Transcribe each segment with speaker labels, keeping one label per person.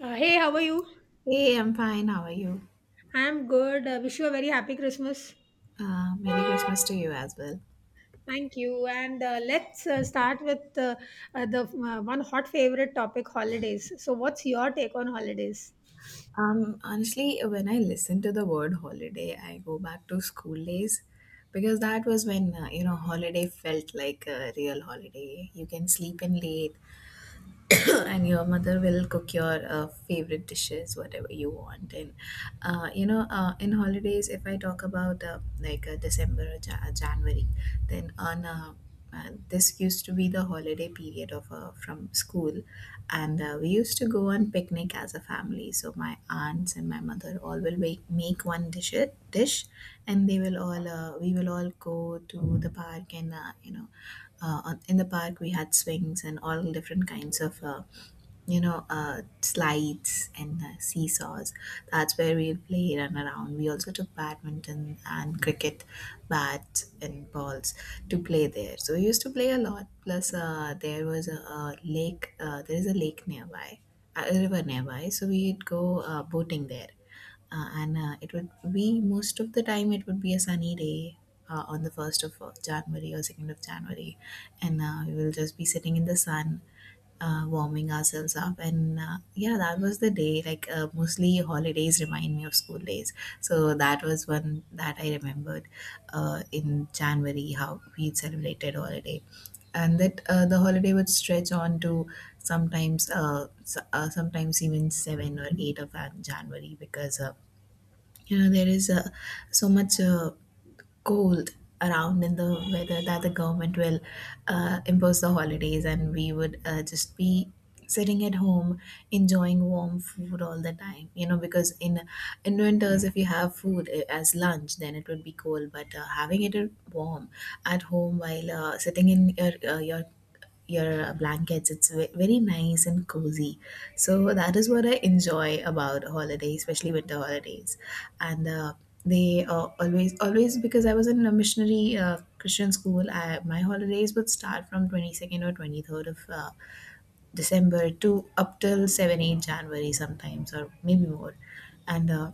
Speaker 1: Hey, how are you?
Speaker 2: Hey, I'm fine. How are you?
Speaker 1: I'm good. Wish you a very happy Christmas.
Speaker 2: Merry Christmas to you as well.
Speaker 1: Thank you. And let's start with the one hot favorite topic holidays. So, what's your take on holidays?
Speaker 2: Honestly, when I listen to the word holiday, I go back to school days because that was when, holiday felt like a real holiday. You can sleep in late, and your mother will cook your favorite dishes whatever you want. And in holidays if I talk about December or January, then on this used to be the holiday period of from school. And we used to go on picnic as a family, so my aunts and my mother all will make, make one dish, and they will all we will all go to the park. And in the park we had swings and all different kinds of slides and seesaws. That's where we played, and around we also took badminton and cricket bats and balls to play there. So we used to play a lot. Plus a lake there is a lake nearby, a river nearby, so we'd go boating there. And It would be most of the time it would be a sunny day, on the 1st of january or 2nd of january. And we will just be sitting in the sun, warming ourselves up. And uh, yeah that was the day. Like mostly holidays remind me of school days. So that was one that I remembered, in january how we celebrated holiday. And that the holiday would stretch on to sometimes sometimes even 7 or 8 of january because you know there is so much cold around in the weather, that the government will impose the holidays, and we would just be sitting at home, enjoying warm food all the time. You know, because in winters if you have food as lunch, then it would be cold. But having it warm at home, while sitting in your blankets. It's very nice and cozy. So that is what I enjoy about holidays, especially winter holidays. And uh, Always, because I was in a missionary Christian school, my holidays would start from 22nd or 23rd of December to up till 7, 8 January sometimes, or maybe more. And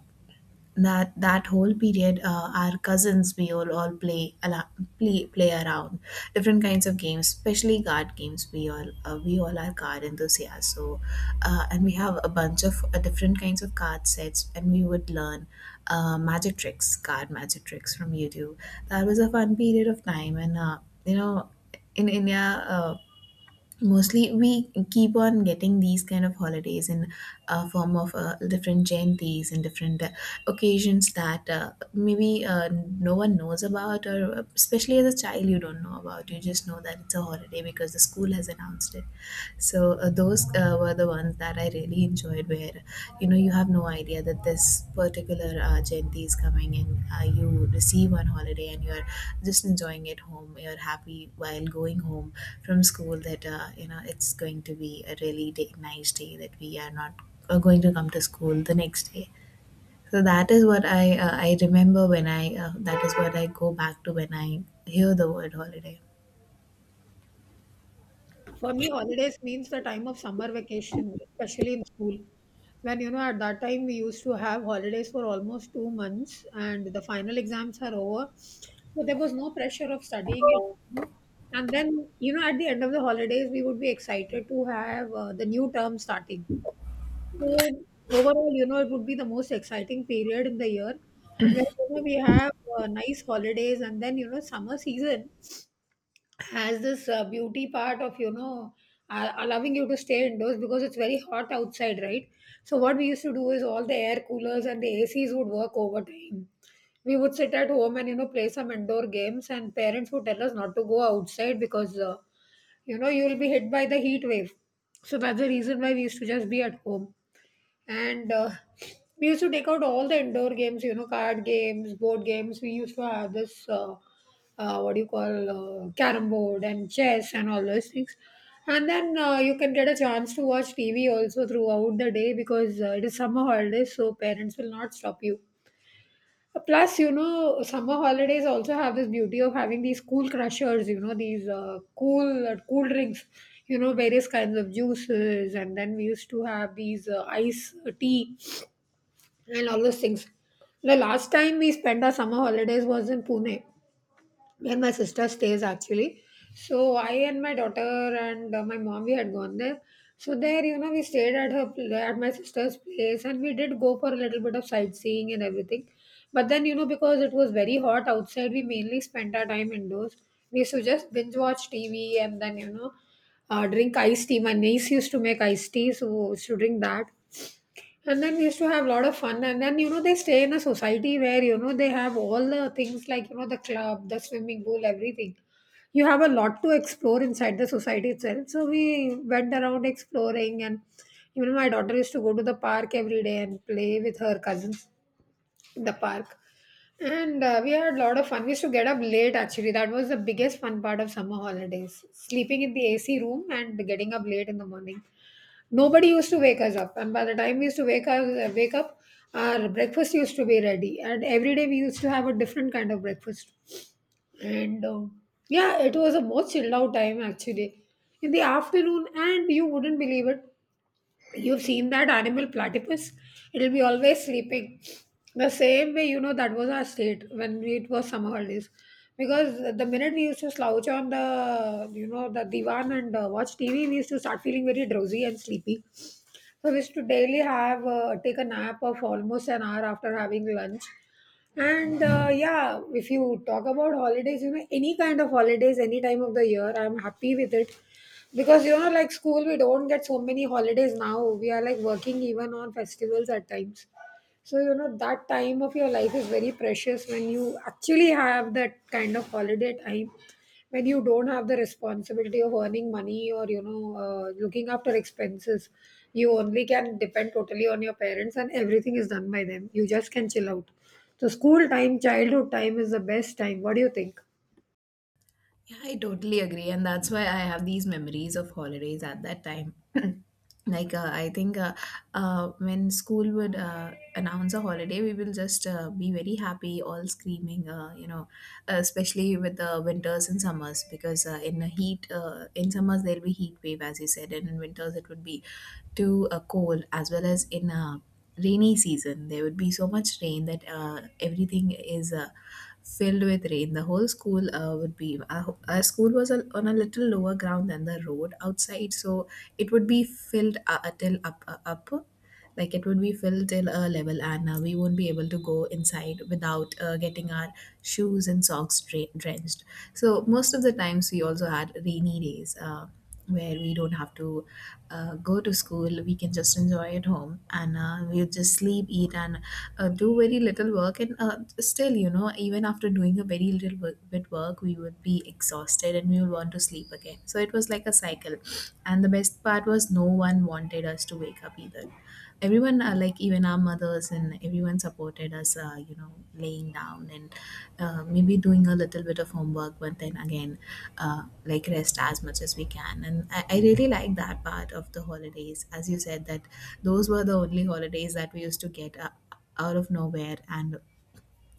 Speaker 2: that that whole period, our cousins we all play ala- play play around different kinds of games, especially card games. We all are card enthusiasts, so and we have a bunch of different kinds of card sets, and we would learn magic tricks card magic tricks from youtube. That was a fun period of time. And you know in india, mostly we keep on getting these kind of holidays in a form of different jayantis and different occasions that maybe no one knows about, or especially as a child you don't know about. You just know that it's a holiday because the school has announced it. So those were the ones that I really enjoyed, where you know you have no idea that this particular Jayanti is coming, and you receive one holiday, and you're just enjoying it home. You're happy while going home from school that it's going to be a nice day that we are not going to come to school the next day. So that is what I remember when I that is what I go back to when I hear the word holiday.
Speaker 1: For me, holidays means the time of summer vacation, especially in school. When, you know, at that time we used to have holidays for almost 2 months and the final exams are over. So there was no pressure of studying it. And then, you know, at the end of the holidays, we would be excited to have the new term starting. So overall, you know, it would be the most exciting period in the year where, you know, we have nice holidays, and then, you know, summer season has this beauty part of, you know, allowing you to stay indoors because it's very hot outside, right? So what we used to do is all the air coolers and the ACs would work overtime. We would sit at home and, you know, play some indoor games, and parents would tell us not to go outside because, you know, you will be hit by the heat wave. So that's the reason why we used to just be at home. And we used to take out all the indoor games, you know, card games, board games. We used to have this what do you call, carom board and chess and all those things. And then you can get a chance to watch tv also throughout the day, because it is summer holidays, so parents will not stop you. Plus, you know, summer holidays also have this beauty of having these cool crushers, you know, these cool cool drinks, you know, various kinds of juices. And then we used to have these ice tea and all those things. The last time we spent our summer holidays was in Pune, where my sister stays actually. So I and my daughter and my mom, we had gone there. So there, you know, we stayed at at my sister's place, and we did go for a little bit of sightseeing and everything. But then, you know, because it was very hot outside, we mainly spent our time indoors. We used to just binge watch TV and then, you know, drink iced tea. My niece used to make iced tea, so she used to drink that, and then we used to have a lot of fun. And then, you know, they stay in a society where, you know, they have all the things like, you know, the club, the swimming pool, everything. You have a lot to explore inside the society itself. So we went around exploring. And even my daughter used to go to the park every day and play with her cousins in the park. And we had a lot of fun. We used to get up late, actually. That was the biggest fun part of summer holidays. Sleeping in the AC room and getting up late in the morning. Nobody used to wake us up, and by the time we used to wake up, our breakfast used to be ready, and every day we used to have a different kind of breakfast. And yeah, it was a more chilled out time, actually, in the afternoon, and you wouldn't believe it. You've seen that animal platypus; it'll be always sleeping. The same way, you know, that was our state when it was summer holidays. Because the minute we used to slouch on the, you know, the divan and watch TV, we used to start feeling very drowsy and sleepy. I used to daily have take a nap of almost an hour after having lunch. And yeah, if you talk about holidays, you know, any kind of holidays, any time of the year, I'm happy with it. Because, you know, like school, we don't get so many holidays now. We are like working even on festivals at times. So, you know, that time of your life is very precious, when you actually have that kind of holiday time, when you don't have the responsibility of earning money or, you know, looking after expenses. You only can depend totally on your parents, and everything is done by them. You just can chill out. So school time, childhood time is the best time. What do you think?
Speaker 2: Yeah, I totally agree. And that's why I have these memories of holidays at that time. like, I think When school would announce a holiday, we will just be very happy, all screaming, especially with the winters and summers. Because in the heat, in summers, there'll be heat wave, as you said, and in winters, it would be too cold. As well as in rainy season, there would be so much rain that everything is filled with rain. The whole school would be, our school was on a little lower ground than the road outside, so it would be filled up. Like it would be filled till a level, and we won't be able to go inside without getting our shoes and socks drenched. So most of the times we also had rainy days, where we don't have to go to school. We can just enjoy at home, and we'll just sleep, eat, and do very little work. And still, you know, even after doing a very little work, bit work, we would be exhausted and we would want to sleep again. So it was like a cycle, and the best part was no one wanted us to wake up either. Everyone, like even our mothers and everyone, supported us, laying down and maybe doing a little bit of homework. But then again, like, rest as much as we can. And I really like that part of the holidays, as you said, that those were the only holidays that we used to get out of nowhere. And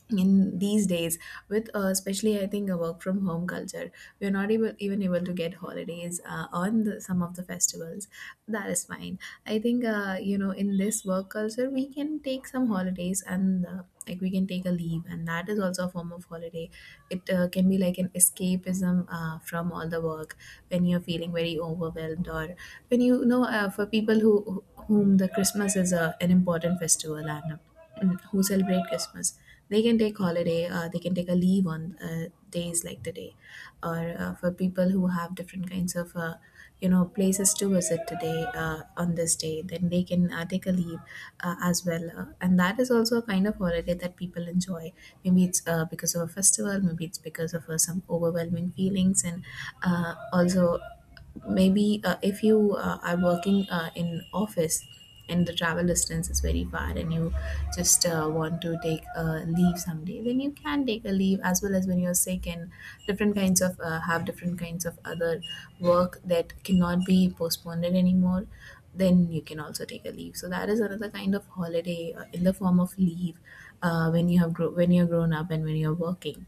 Speaker 2: in these days, with especially I think a work from home culture, we're not able even able to get holidays on some of the festivals. That is fine. I think in this work culture we can take some holidays, and like we can take a leave, and that is also a form of holiday. It can be like an escapism from all the work when you're feeling very overwhelmed. Or when you know, for people who whom the christmas is an important festival, and who celebrate christmas, they can take a leave on days like today. Or for people who have different kinds of places to visit today on this day, then they can take a leave as well. And that is also a kind of holiday that people enjoy. Maybe it's because of a festival, maybe it's because of some overwhelming feelings. And also, maybe if you are working in office and the travel distance is very far, and you just want to take a leave someday, then you can take a leave. As well as when you're sick, and different kinds of have different kinds of other work that cannot be postponed anymore, then you can also take a leave. So that is another kind of holiday, in the form of leave, when you're grown up and when you're working.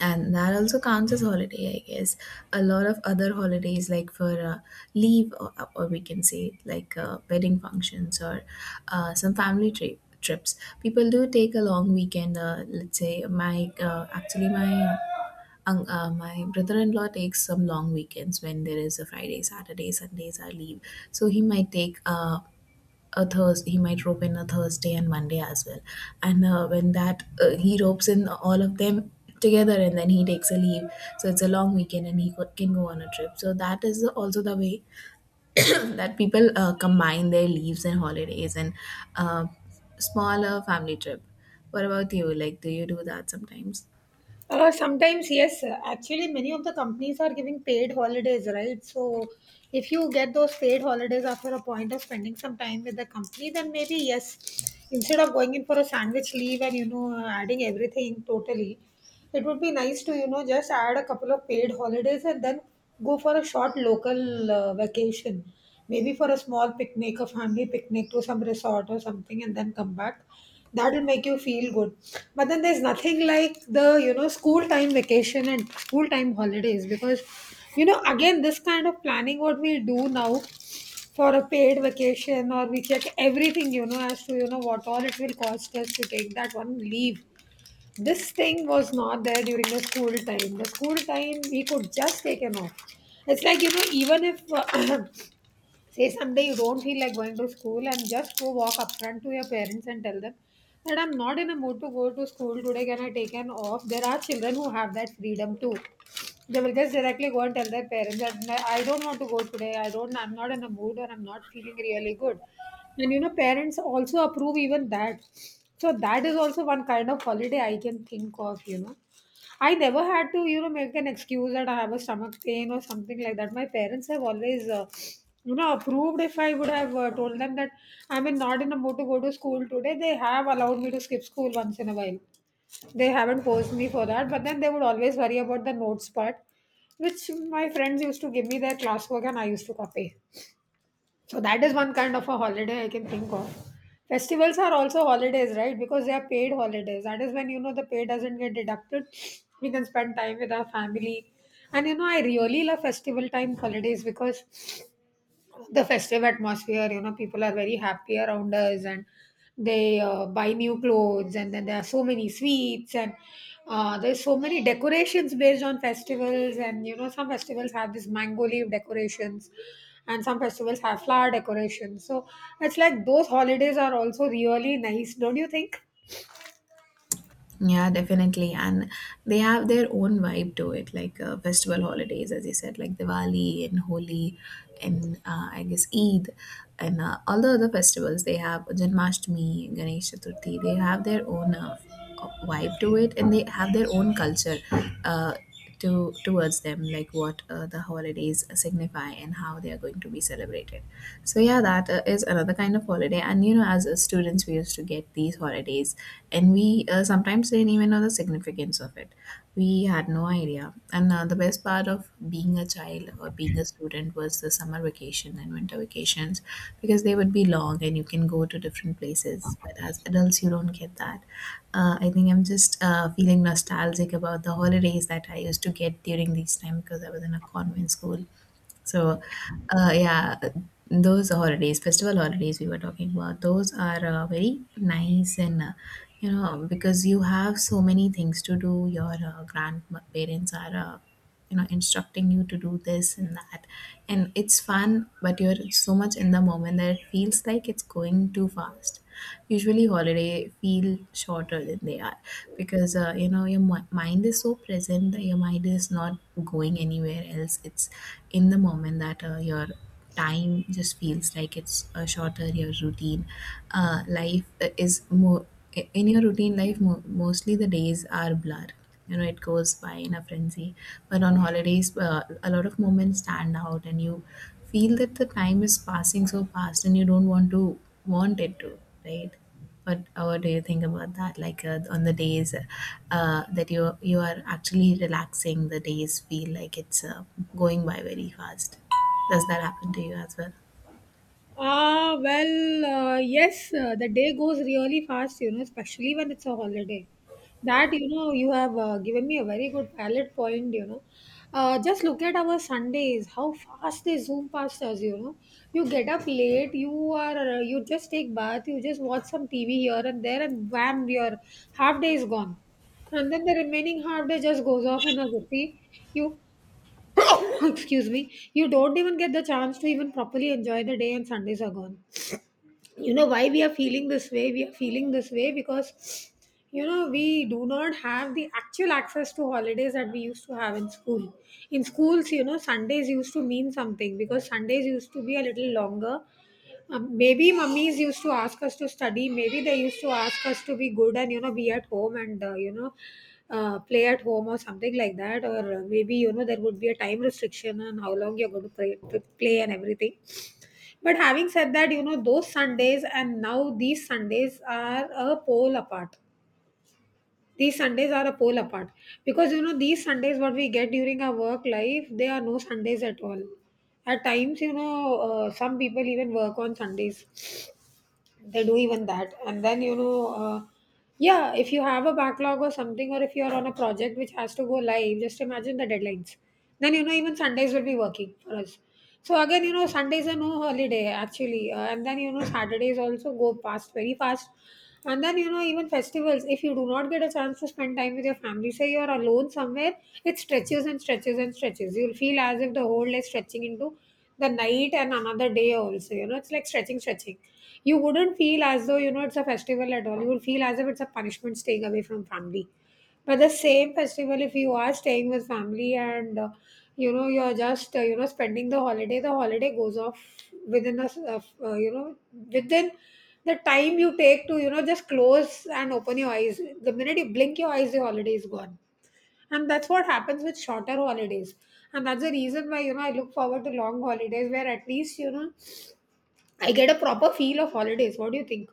Speaker 2: And that also counts as holiday, I guess. A lot of other holidays, like for leave, or we can say like wedding functions, or some family trips, people do take a long weekend. Uh, let's say my actually my un- my brother-in-law takes some long weekends when there is a friday, saturday, sundays are leave. So he might take he might rope in a Thursday and Monday as well. And he ropes in all of them together, and then he takes a leave. So it's a long weekend, and he can go on a trip. So that is also the way that people combine their leaves and holidays and uh, smaller family trip. What about you? Like, do you do that sometimes?
Speaker 1: Sometimes, yes. Actually, many of the companies are giving paid holidays, right? So, if you get those paid holidays after a point of spending some time with the company, then maybe yes. Instead of going in for a sandwich leave and, you know, adding everything totally, would be nice to, you know, just add a couple of paid holidays and then go for a short local vacation. Maybe for a small picnic, a family picnic to some resort or something, and then come back. That'll make you feel good. But then there's nothing like the, you know, school time vacation and school time holidays, because, you know, again, this kind of planning what we do now for a paid vacation, or we check everything, you know, as to, you know, what all it will cost us to take that one leave, this thing was not there during the school time. The school time, we could just take him off. It's like, you know, even if say someday you don't feel like going to school and just go walk up front to your parents and tell them that I'm not in a mood to go to school today. Can I take an off? There are children who have that freedom too. They will just directly go and tell their parents that, "No, I don't want to go today. I don't. I'm not in a mood, or I'm not feeling really good." And you know, parents also approve even that. So that is also one kind of holiday I can think of, you know. I never had to, you know, make an excuse that I have a stomach pain or something like that. My parents have always, you know, approved if I would have told them that not in a mood to go to school today. They have allowed me to skip school once in a while. They haven't forced me for that, but then they would always worry about the notes part, which my friends used to give me their classwork and I used to copy. So that is one kind of a holiday I can think of. Festivals are also holidays, right? Because they are paid holidays. That is when, you know, the pay doesn't get deducted. We can spend time with our family. And you know, I really love festival time holidays because the festive atmosphere, you know, people are very happy around us, and they buy new clothes, and then there are so many sweets, and there's so many decorations based on festivals, and you know, some festivals have this mango leaf decorations, and some festivals have flower decorations. So it's like those holidays are also really nice, don't you think?
Speaker 2: Yeah, definitely. And they have their own vibe to it, like festival holidays, as you said, like Diwali and Holi, and I guess Eid, and all the other festivals. They have Janmashtami, Ganesh Chaturthi. They have their own vibe to it, and they have their own culture. Uh, to Towards them, like what the holidays signify and how they are going to be celebrated. So yeah, that is another kind of holiday. And you know, as students, we used to get these holidays, and we sometimes didn't even know the significance of it. We had no idea. And the best part of being a child or being a student was the summer vacation and winter vacations, because they would be long and you can go to different places. But as adults, you don't get that. I think I'm just feeling nostalgic about the holidays that I used to get during these time because I was in a convent school. So, uh, yeah, those holidays, festival holidays we were talking about, those are very nice and, you know, because you have so many things to do. Your grandparents are, instructing you to do this and that. And it's fun, but you're so much in the moment that it feels like it's going too fast. Usually holiday feel shorter than they are because your mind is so present that your mind is not going anywhere else. It's in the moment that your time just feels like it's shorter. Your routine life is more, in your routine life, mostly the days are blur. You know, it goes by in a frenzy, but on holidays a lot of moments stand out and you feel that the time is passing so fast and you don't want to want it to. Right? But what do you think about that? Like on the days that you are actually relaxing, the days feel like it's going by very fast. Does that happen to you as well?
Speaker 1: Ah, well, yes, the day goes really fast, you know, especially when it's a holiday. That, you know, you have given me a very good valid point, you know. Just look at our Sundays, how fast they zoom past us, you know. You get up late, you just take bath, you just watch some TV here and there, and wham, your half day is gone. And then the remaining half day just goes off in a jiffy. You excuse me, you don't even get the chance to even properly enjoy the day, and Sundays are gone. You know why we are feeling this way? We are feeling this way because, you know, we do not have the actual access to holidays that we used to have in school. In schools, you know, Sundays used to mean something, because Sundays used to be a little longer. Maybe mummies used to ask us to study. Maybe they used to ask us to be good and, you know, be at home and, you know, play at home or something like that. Or maybe, you know, there would be a time restriction on how long you're going to play and everything. But having said that, you know, those Sundays and now these Sundays are a pole apart. These Sundays are a pole apart because, you know, these Sundays what we get during our work life, they are no Sundays at all. At times, you know, some people even work on Sundays. They do even that. And then, if you have a backlog or something, or if you are on a project which has to go live, just imagine the deadlines. Then you know even Sundays will be working for us. So again, you know, Sundays are no holiday actually. And then you know Saturdays also go past very fast. And then you know even festivals, if you do not get a chance to spend time with your family, say you are alone somewhere, it stretches and stretches and stretches. You'll feel as if the whole day is stretching into the night and another day also. You know, it's like stretching, you wouldn't feel as though, you know, it's a festival at all. You would feel as if it's a punishment staying away from family. But the same festival, if you are staying with family, and, you know, you're just, you know, spending the holiday goes off within you know, within the time you take to, you know, just close and open your eyes. The minute you blink your eyes, the holiday is gone. And that's what happens with shorter holidays. And that's the reason why, you know, I look forward to long holidays, where at least, you know, I get a proper feel of holidays. What do you think?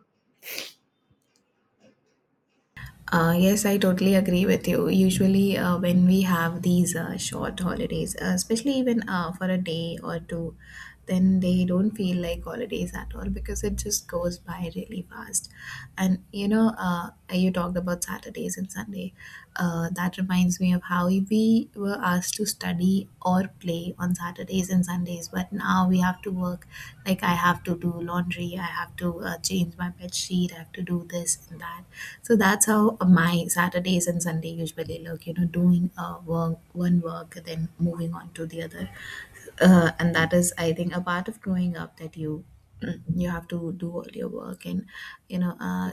Speaker 2: Yes, I totally agree with you. Usually, when we have these short holidays, especially even for a day or two, then they don't feel like holidays at all because it just goes by really fast. And you know, you talked about Saturdays and Sunday. That reminds me of how we were asked to study or play on Saturdays and Sundays, but now we have to work. Like I have to do laundry, I have to change my bed sheet, I have to do this and that. So that's how my Saturdays and Sunday usually look. You know, doing work, one work, then moving on to the other, and that is, I think, a part of growing up that you you have to do all your work. And you know.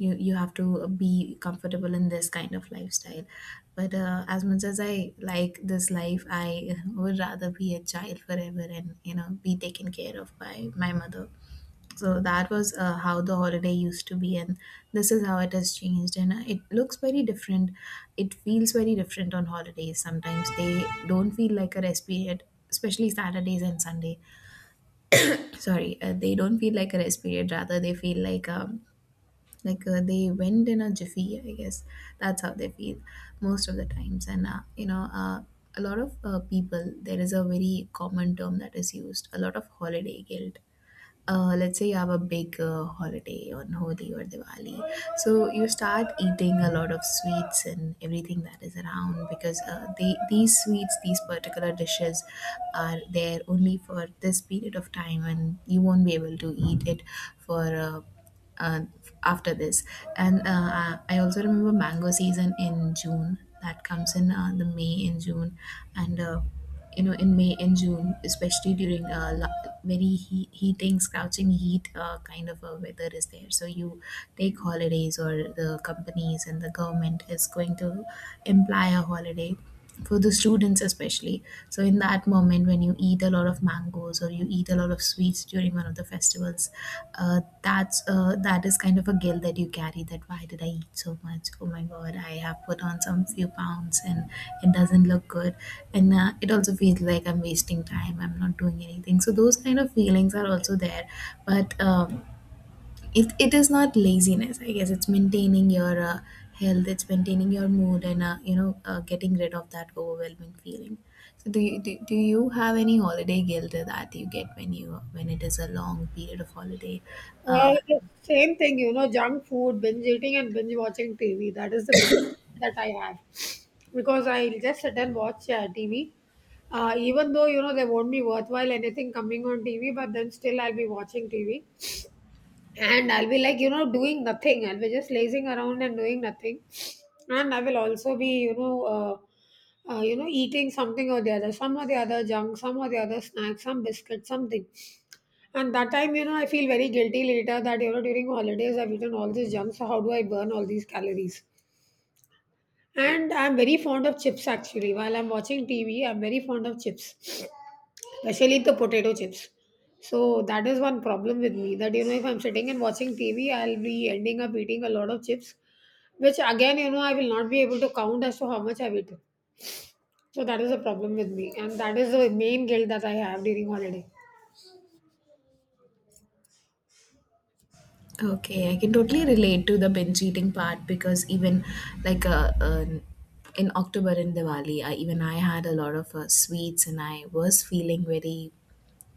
Speaker 2: You have to be comfortable in this kind of lifestyle, but as much as I like this life, I would rather be a child forever and, you know, be taken care of by my mother. So that was how the holiday used to be, and this is how it has changed, and it looks very different. It feels very different on holidays. Sometimes they don't feel like a rest period, especially Saturdays and Sunday. Sorry, they don't feel like a rest period. Rather they feel like a, like they went in a jiffy, I guess. That's how they feel most of the times. And a lot of people, there is a very common term that is used, a lot of holiday guilt. Let's say you have a big holiday on Holi or Diwali. So you start eating a lot of sweets and everything that is around because these sweets, these particular dishes are there only for this period of time and you won't be able to eat it for uh, after this. And I also remember mango season in June that comes in the May and June, and in May and June, especially during very heating, scorching heat kind of a weather is there. So you take holidays, or the companies and the government is going to imply a holiday for the students especially. So in that moment, when you eat a lot of mangoes or you eat a lot of sweets during one of the festivals, that is kind of a guilt that you carry. That, why did I eat so much? Oh my God, I have put on some few pounds and it doesn't look good. And it also feels like I'm wasting time. I'm not doing anything. So those kind of feelings are also there, but. It, it is not laziness, I guess. It's maintaining your health, it's maintaining your mood, and getting rid of that overwhelming feeling. So do you do you have any holiday guilt that you get when you when it is a long period of holiday? uh,
Speaker 1: The same thing, you know, junk food, binge eating, and binge watching TV. That is the biggest that I have, because I just sit and watch TV. Even though you know they won't be worthwhile, anything coming on TV, but then still I'll be watching TV and I'll be like, you know, doing nothing. I'll be just lazing around and doing nothing, and I will also be, you know. You know, eating something or the other, some or the other junk, some or the other snack, some biscuit, something. And that time, you know, I feel very guilty later that, you know, during holidays I've eaten all this junk. So how do I burn all these calories? And I'm very fond of chips actually. While I'm watching TV, I'm very fond of chips, especially the potato chips. So that is one problem with me, that, you know, if I'm sitting and watching TV, I'll be ending up eating a lot of chips, which again, you know, I will not be able to count as to how much I've eaten. So that is a problem with me. And that is the main guilt that I have during holiday.
Speaker 2: okay, I can totally relate to the binge eating part because even like in October in Diwali, even I had a lot of sweets and I was feeling very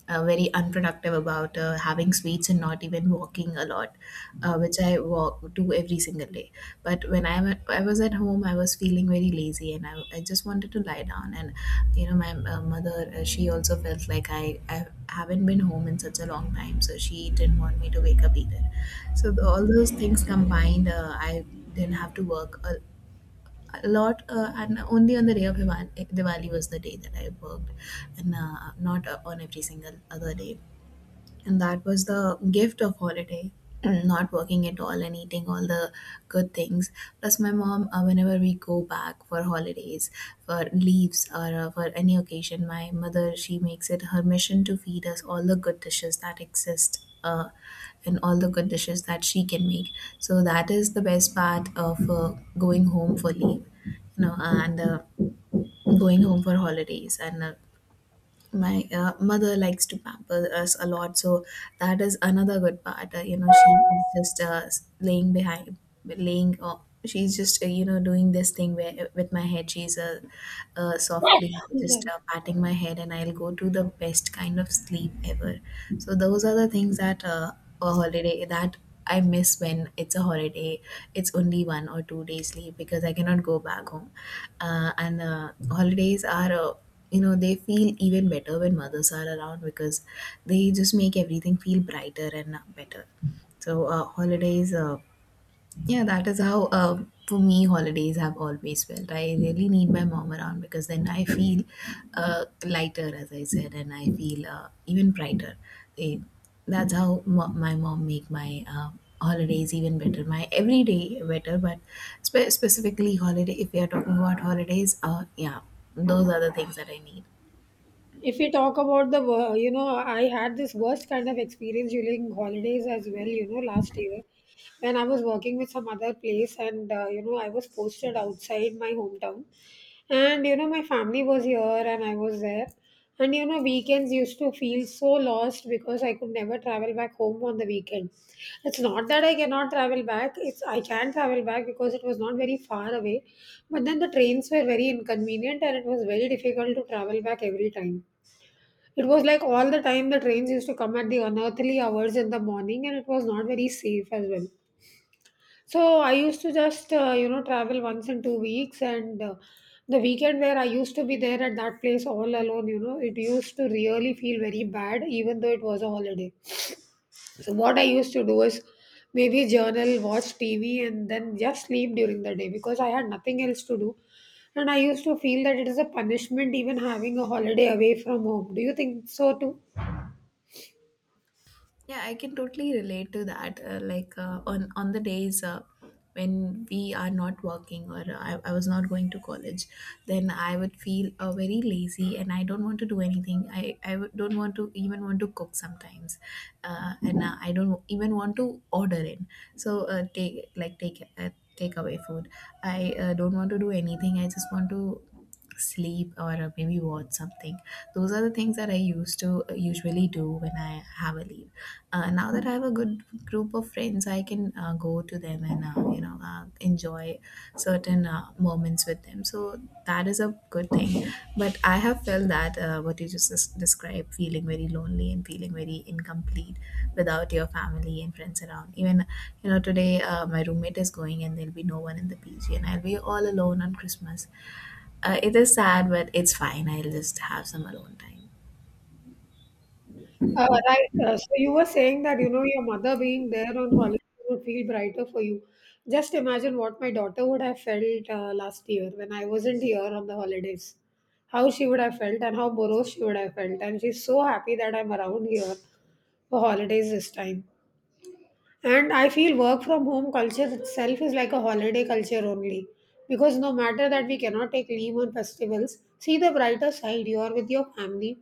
Speaker 2: very unproductive about having sweets and not even walking a lot, which I walk do every single day. But when I was at home, I was feeling very lazy and I just wanted to lie down. And you know, my mother, she also felt like I haven't been home in such a long time, so she didn't want me to wake up either. So all those things combined, I didn't have to work a lot, and only on the day of Diwali, Diwali was the day that I worked, and not on every single other day. And that was the gift of holiday, not working at all and eating all the good things. Plus, my mom, whenever we go back for holidays, for leaves, or for any occasion, my mother, she makes it her mission to feed us all the good dishes that exist. And all the good dishes that she can make. So that is the best part of going home for leave, you know, and going home for holidays, and my mother likes to pamper us a lot. So that is another good part. You know, she is just laying behind, laying she's just doing this thing where with my head she's softly just patting my head and I'll go to the best kind of sleep ever. So those are the things that a holiday that I miss. When it's a holiday, it's only one or two days leave, because I cannot go back home, and holidays are they feel even better when mothers are around, because they just make everything feel brighter and better. So holidays yeah, that is how for me, holidays have always felt. I really need my mom around because then I feel lighter, as I said, and I feel even brighter. Eh, that's how my mom make my holidays even better, my everyday better. But specifically holiday, if we are talking about holidays, yeah, those are the things that I need.
Speaker 1: If we talk about the, you know, I had this worst kind of experience during holidays as well, you know, last year when I was working with some other place and, you know, I was posted outside my hometown. And, you know, my family was here and I was there. And, you know, weekends used to feel so lost because I could never travel back home on the weekend. It's not that I cannot travel back, it's I can travel back because it was not very far away. But then the trains were very inconvenient and it was very difficult to travel back every time. It was like all the time the trains used to come at the unearthly hours in the morning and it was not very safe as well. So I used to just, you know, travel once in 2 weeks, and the weekend where I used to be there at that place all alone, you know, it used to really feel very bad even though it was a holiday. So what I used to do is maybe journal, watch TV, and then just sleep during the day because I had nothing else to do. And I used to feel that it is a punishment even having a holiday away from home. Do you think so too?
Speaker 2: Yeah, I can totally relate to that. Like on the days when we are not working, or I was not going to college, then I would feel very lazy and I don't want to do anything. I don't want to even want to cook sometimes, and I don't even want to order in. So takeaway food. I don't want to do anything. I just want to sleep or maybe watch something. Those are the things that I used to usually do when I have a leave. Now that I have a good group of friends, I can go to them and enjoy certain moments with them. So that is a good thing. But I have felt that what you just described, feeling very lonely and feeling very incomplete without your family and friends around. Even, you know, today my roommate is going and there'll be no one in the PG and I'll be all alone on Christmas. It is sad, but it's fine. I'll just have some alone time.
Speaker 1: Right. So you were saying that, you know, your mother being there on holiday would feel brighter for you. Just imagine what my daughter would have felt last year when I wasn't here on the holidays. How she would have felt and how morose she would have felt. And she's so happy that I'm around here for holidays this time. And I feel work from home culture itself is like a holiday culture only. Because no matter that we cannot take leave on festivals, see the brighter side. You are with your family,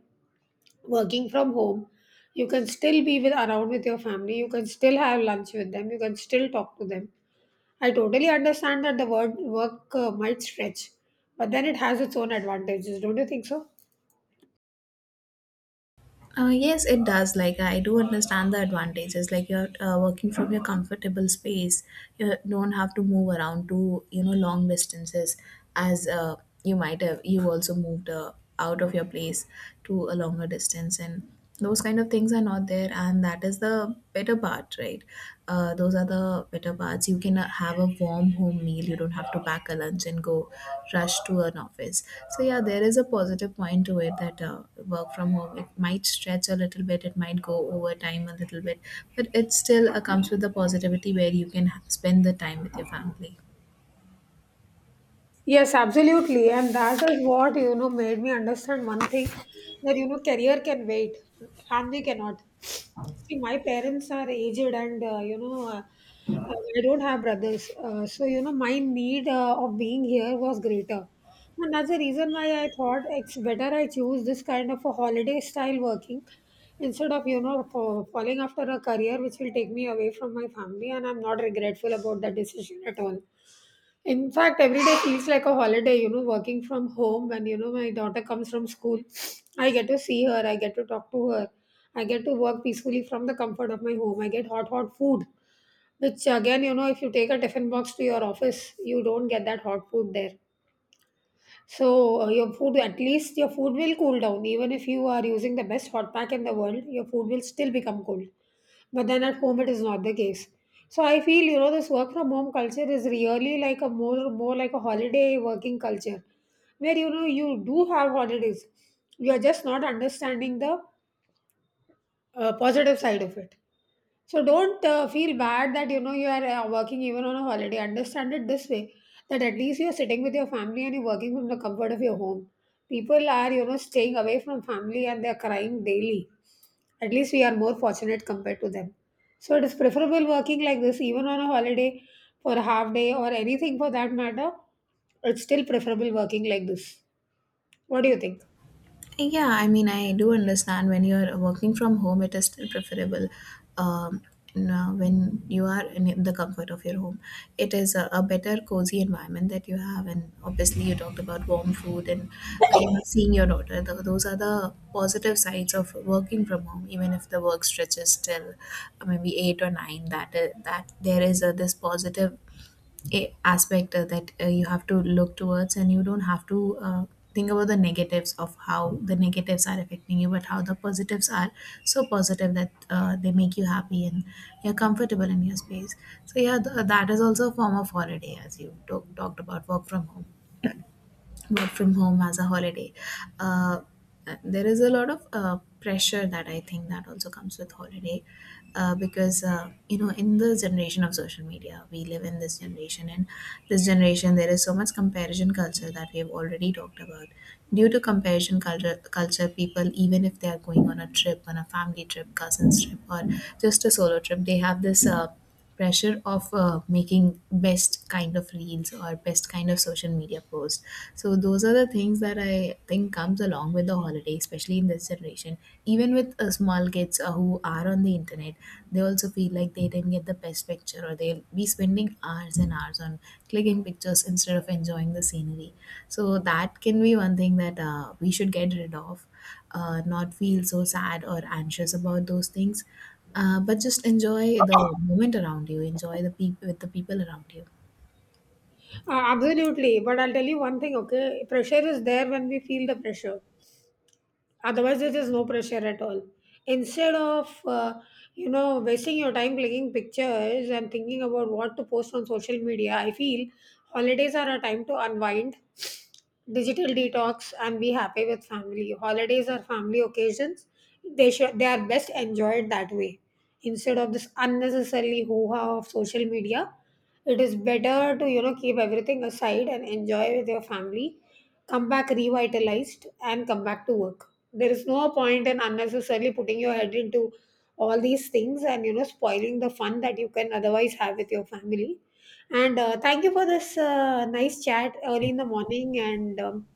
Speaker 1: working from home. You can still be with, around with your family, you can still have lunch with them, you can still talk to them. I totally understand that the word work might stretch, but then it has its own advantages, don't you think so?
Speaker 2: Yes, it does. Like I do understand the advantages. Like you're working from your comfortable space. You don't have to move around to, you know, long distances, as you might have. You also moved out of your place to a longer distance. And those kind of things are not there, and that is the better part, right? Those are the better parts. You can have a warm home meal. You don't have to pack a lunch and go rush to an office. So yeah, there is a positive point to it, that work from home, it might stretch a little bit, it might go over time a little bit, but it still comes with the positivity where you can spend the time with your family.
Speaker 1: Yes, absolutely. And that is what, you know, made me understand one thing, that, you know, career can wait, family cannot. See, my parents are aged and, you know, I don't have brothers. So, you know, my need of being here was greater. And that's the reason why I thought it's better I choose this kind of a holiday style working instead of, you know, falling after a career which will take me away from my family. And I'm not regretful about that decision at all. In fact, every day feels like a holiday, you know, working from home when, you know, my daughter comes from school. I get to see her, I get to talk to her, I get to work peacefully from the comfort of my home. I get hot, hot food, which again, you know, if you take a tiffin box to your office, you don't get that hot food there. So, your food, at least your food will cool down. Even if you are using the best hot pack in the world, your food will still become cold. But then at home, it is not the case. So I feel, you know, this work from home culture is really like a more like a holiday working culture, where you know you do have holidays. You are just not understanding the positive side of it. So don't feel bad that, you know, you are working even on a holiday. Understand it this way, that at least you are sitting with your family and you're working from the comfort of your home. People are, you know, staying away from family and they're crying daily. At least we are more fortunate compared to them. So it is preferable working like this even on a holiday, for a half day or anything for that matter. It's still preferable working like this. What do you think?
Speaker 2: Yeah, I mean, I do understand when you're working from home, it is still preferable. Um, when you are in the comfort of your home, it is a better, cozy environment that you have. And obviously, you talked about warm food and you know, seeing your daughter. Th those are the positive sides of working from home, even if the work stretches till maybe eight or nine. That there is a, this positive aspect that you have to look towards, and you don't have to think about the negatives of how the negatives are affecting you, but how the positives are so positive that they make you happy and you're comfortable in your space. So yeah, that is also a form of holiday, as you talked about, work from home, work from home as a holiday. uh, there is a lot of pressure that I think that also comes with holiday, because in the generation of social media we live in, this generation, and this generation, there is so much comparison culture that we have already talked about. Due to comparison culture, people, even if they are going on a trip, on a family trip, cousins trip, or just a solo trip, they have this pressure of making best kind of reels or best kind of social media post. So those are the things that I think comes along with the holiday, especially in this generation, even with small kids who are on the internet. They also feel like they didn't get the best picture, or they'll be spending hours and hours on clicking pictures instead of enjoying the scenery. So that can be one thing that we should get rid of. Not feel so sad or anxious about those things, but just enjoy the moment around you, enjoy the people with the people around you.
Speaker 1: Absolutely. But I'll tell you one thing, okay? Pressure is there when we feel the pressure, otherwise there is no pressure at all. Instead of you know wasting your time clicking pictures and thinking about what to post on social media, I feel holidays are a time to unwind, digital detox, and be happy with family. Holidays are family occasions, they are best enjoyed that way, instead of this unnecessarily hoo-ha of social media. It is better to, you know, keep everything aside and enjoy with your family, come back revitalized, and come back to work. There is no point in unnecessarily putting your head into all these things and, you know, spoiling the fun that you can otherwise have with your family. And thank you for this nice chat early in the morning, and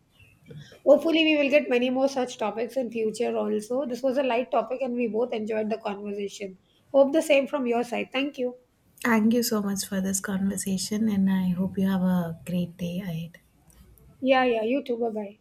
Speaker 1: hopefully we will get many more such topics in future also. This was a light topic and we both enjoyed the conversation. Hope the same from your side. Thank you.
Speaker 2: Thank you so much for this conversation, and I hope you have a great day ahead.
Speaker 1: Yeah, yeah, you too, bye bye.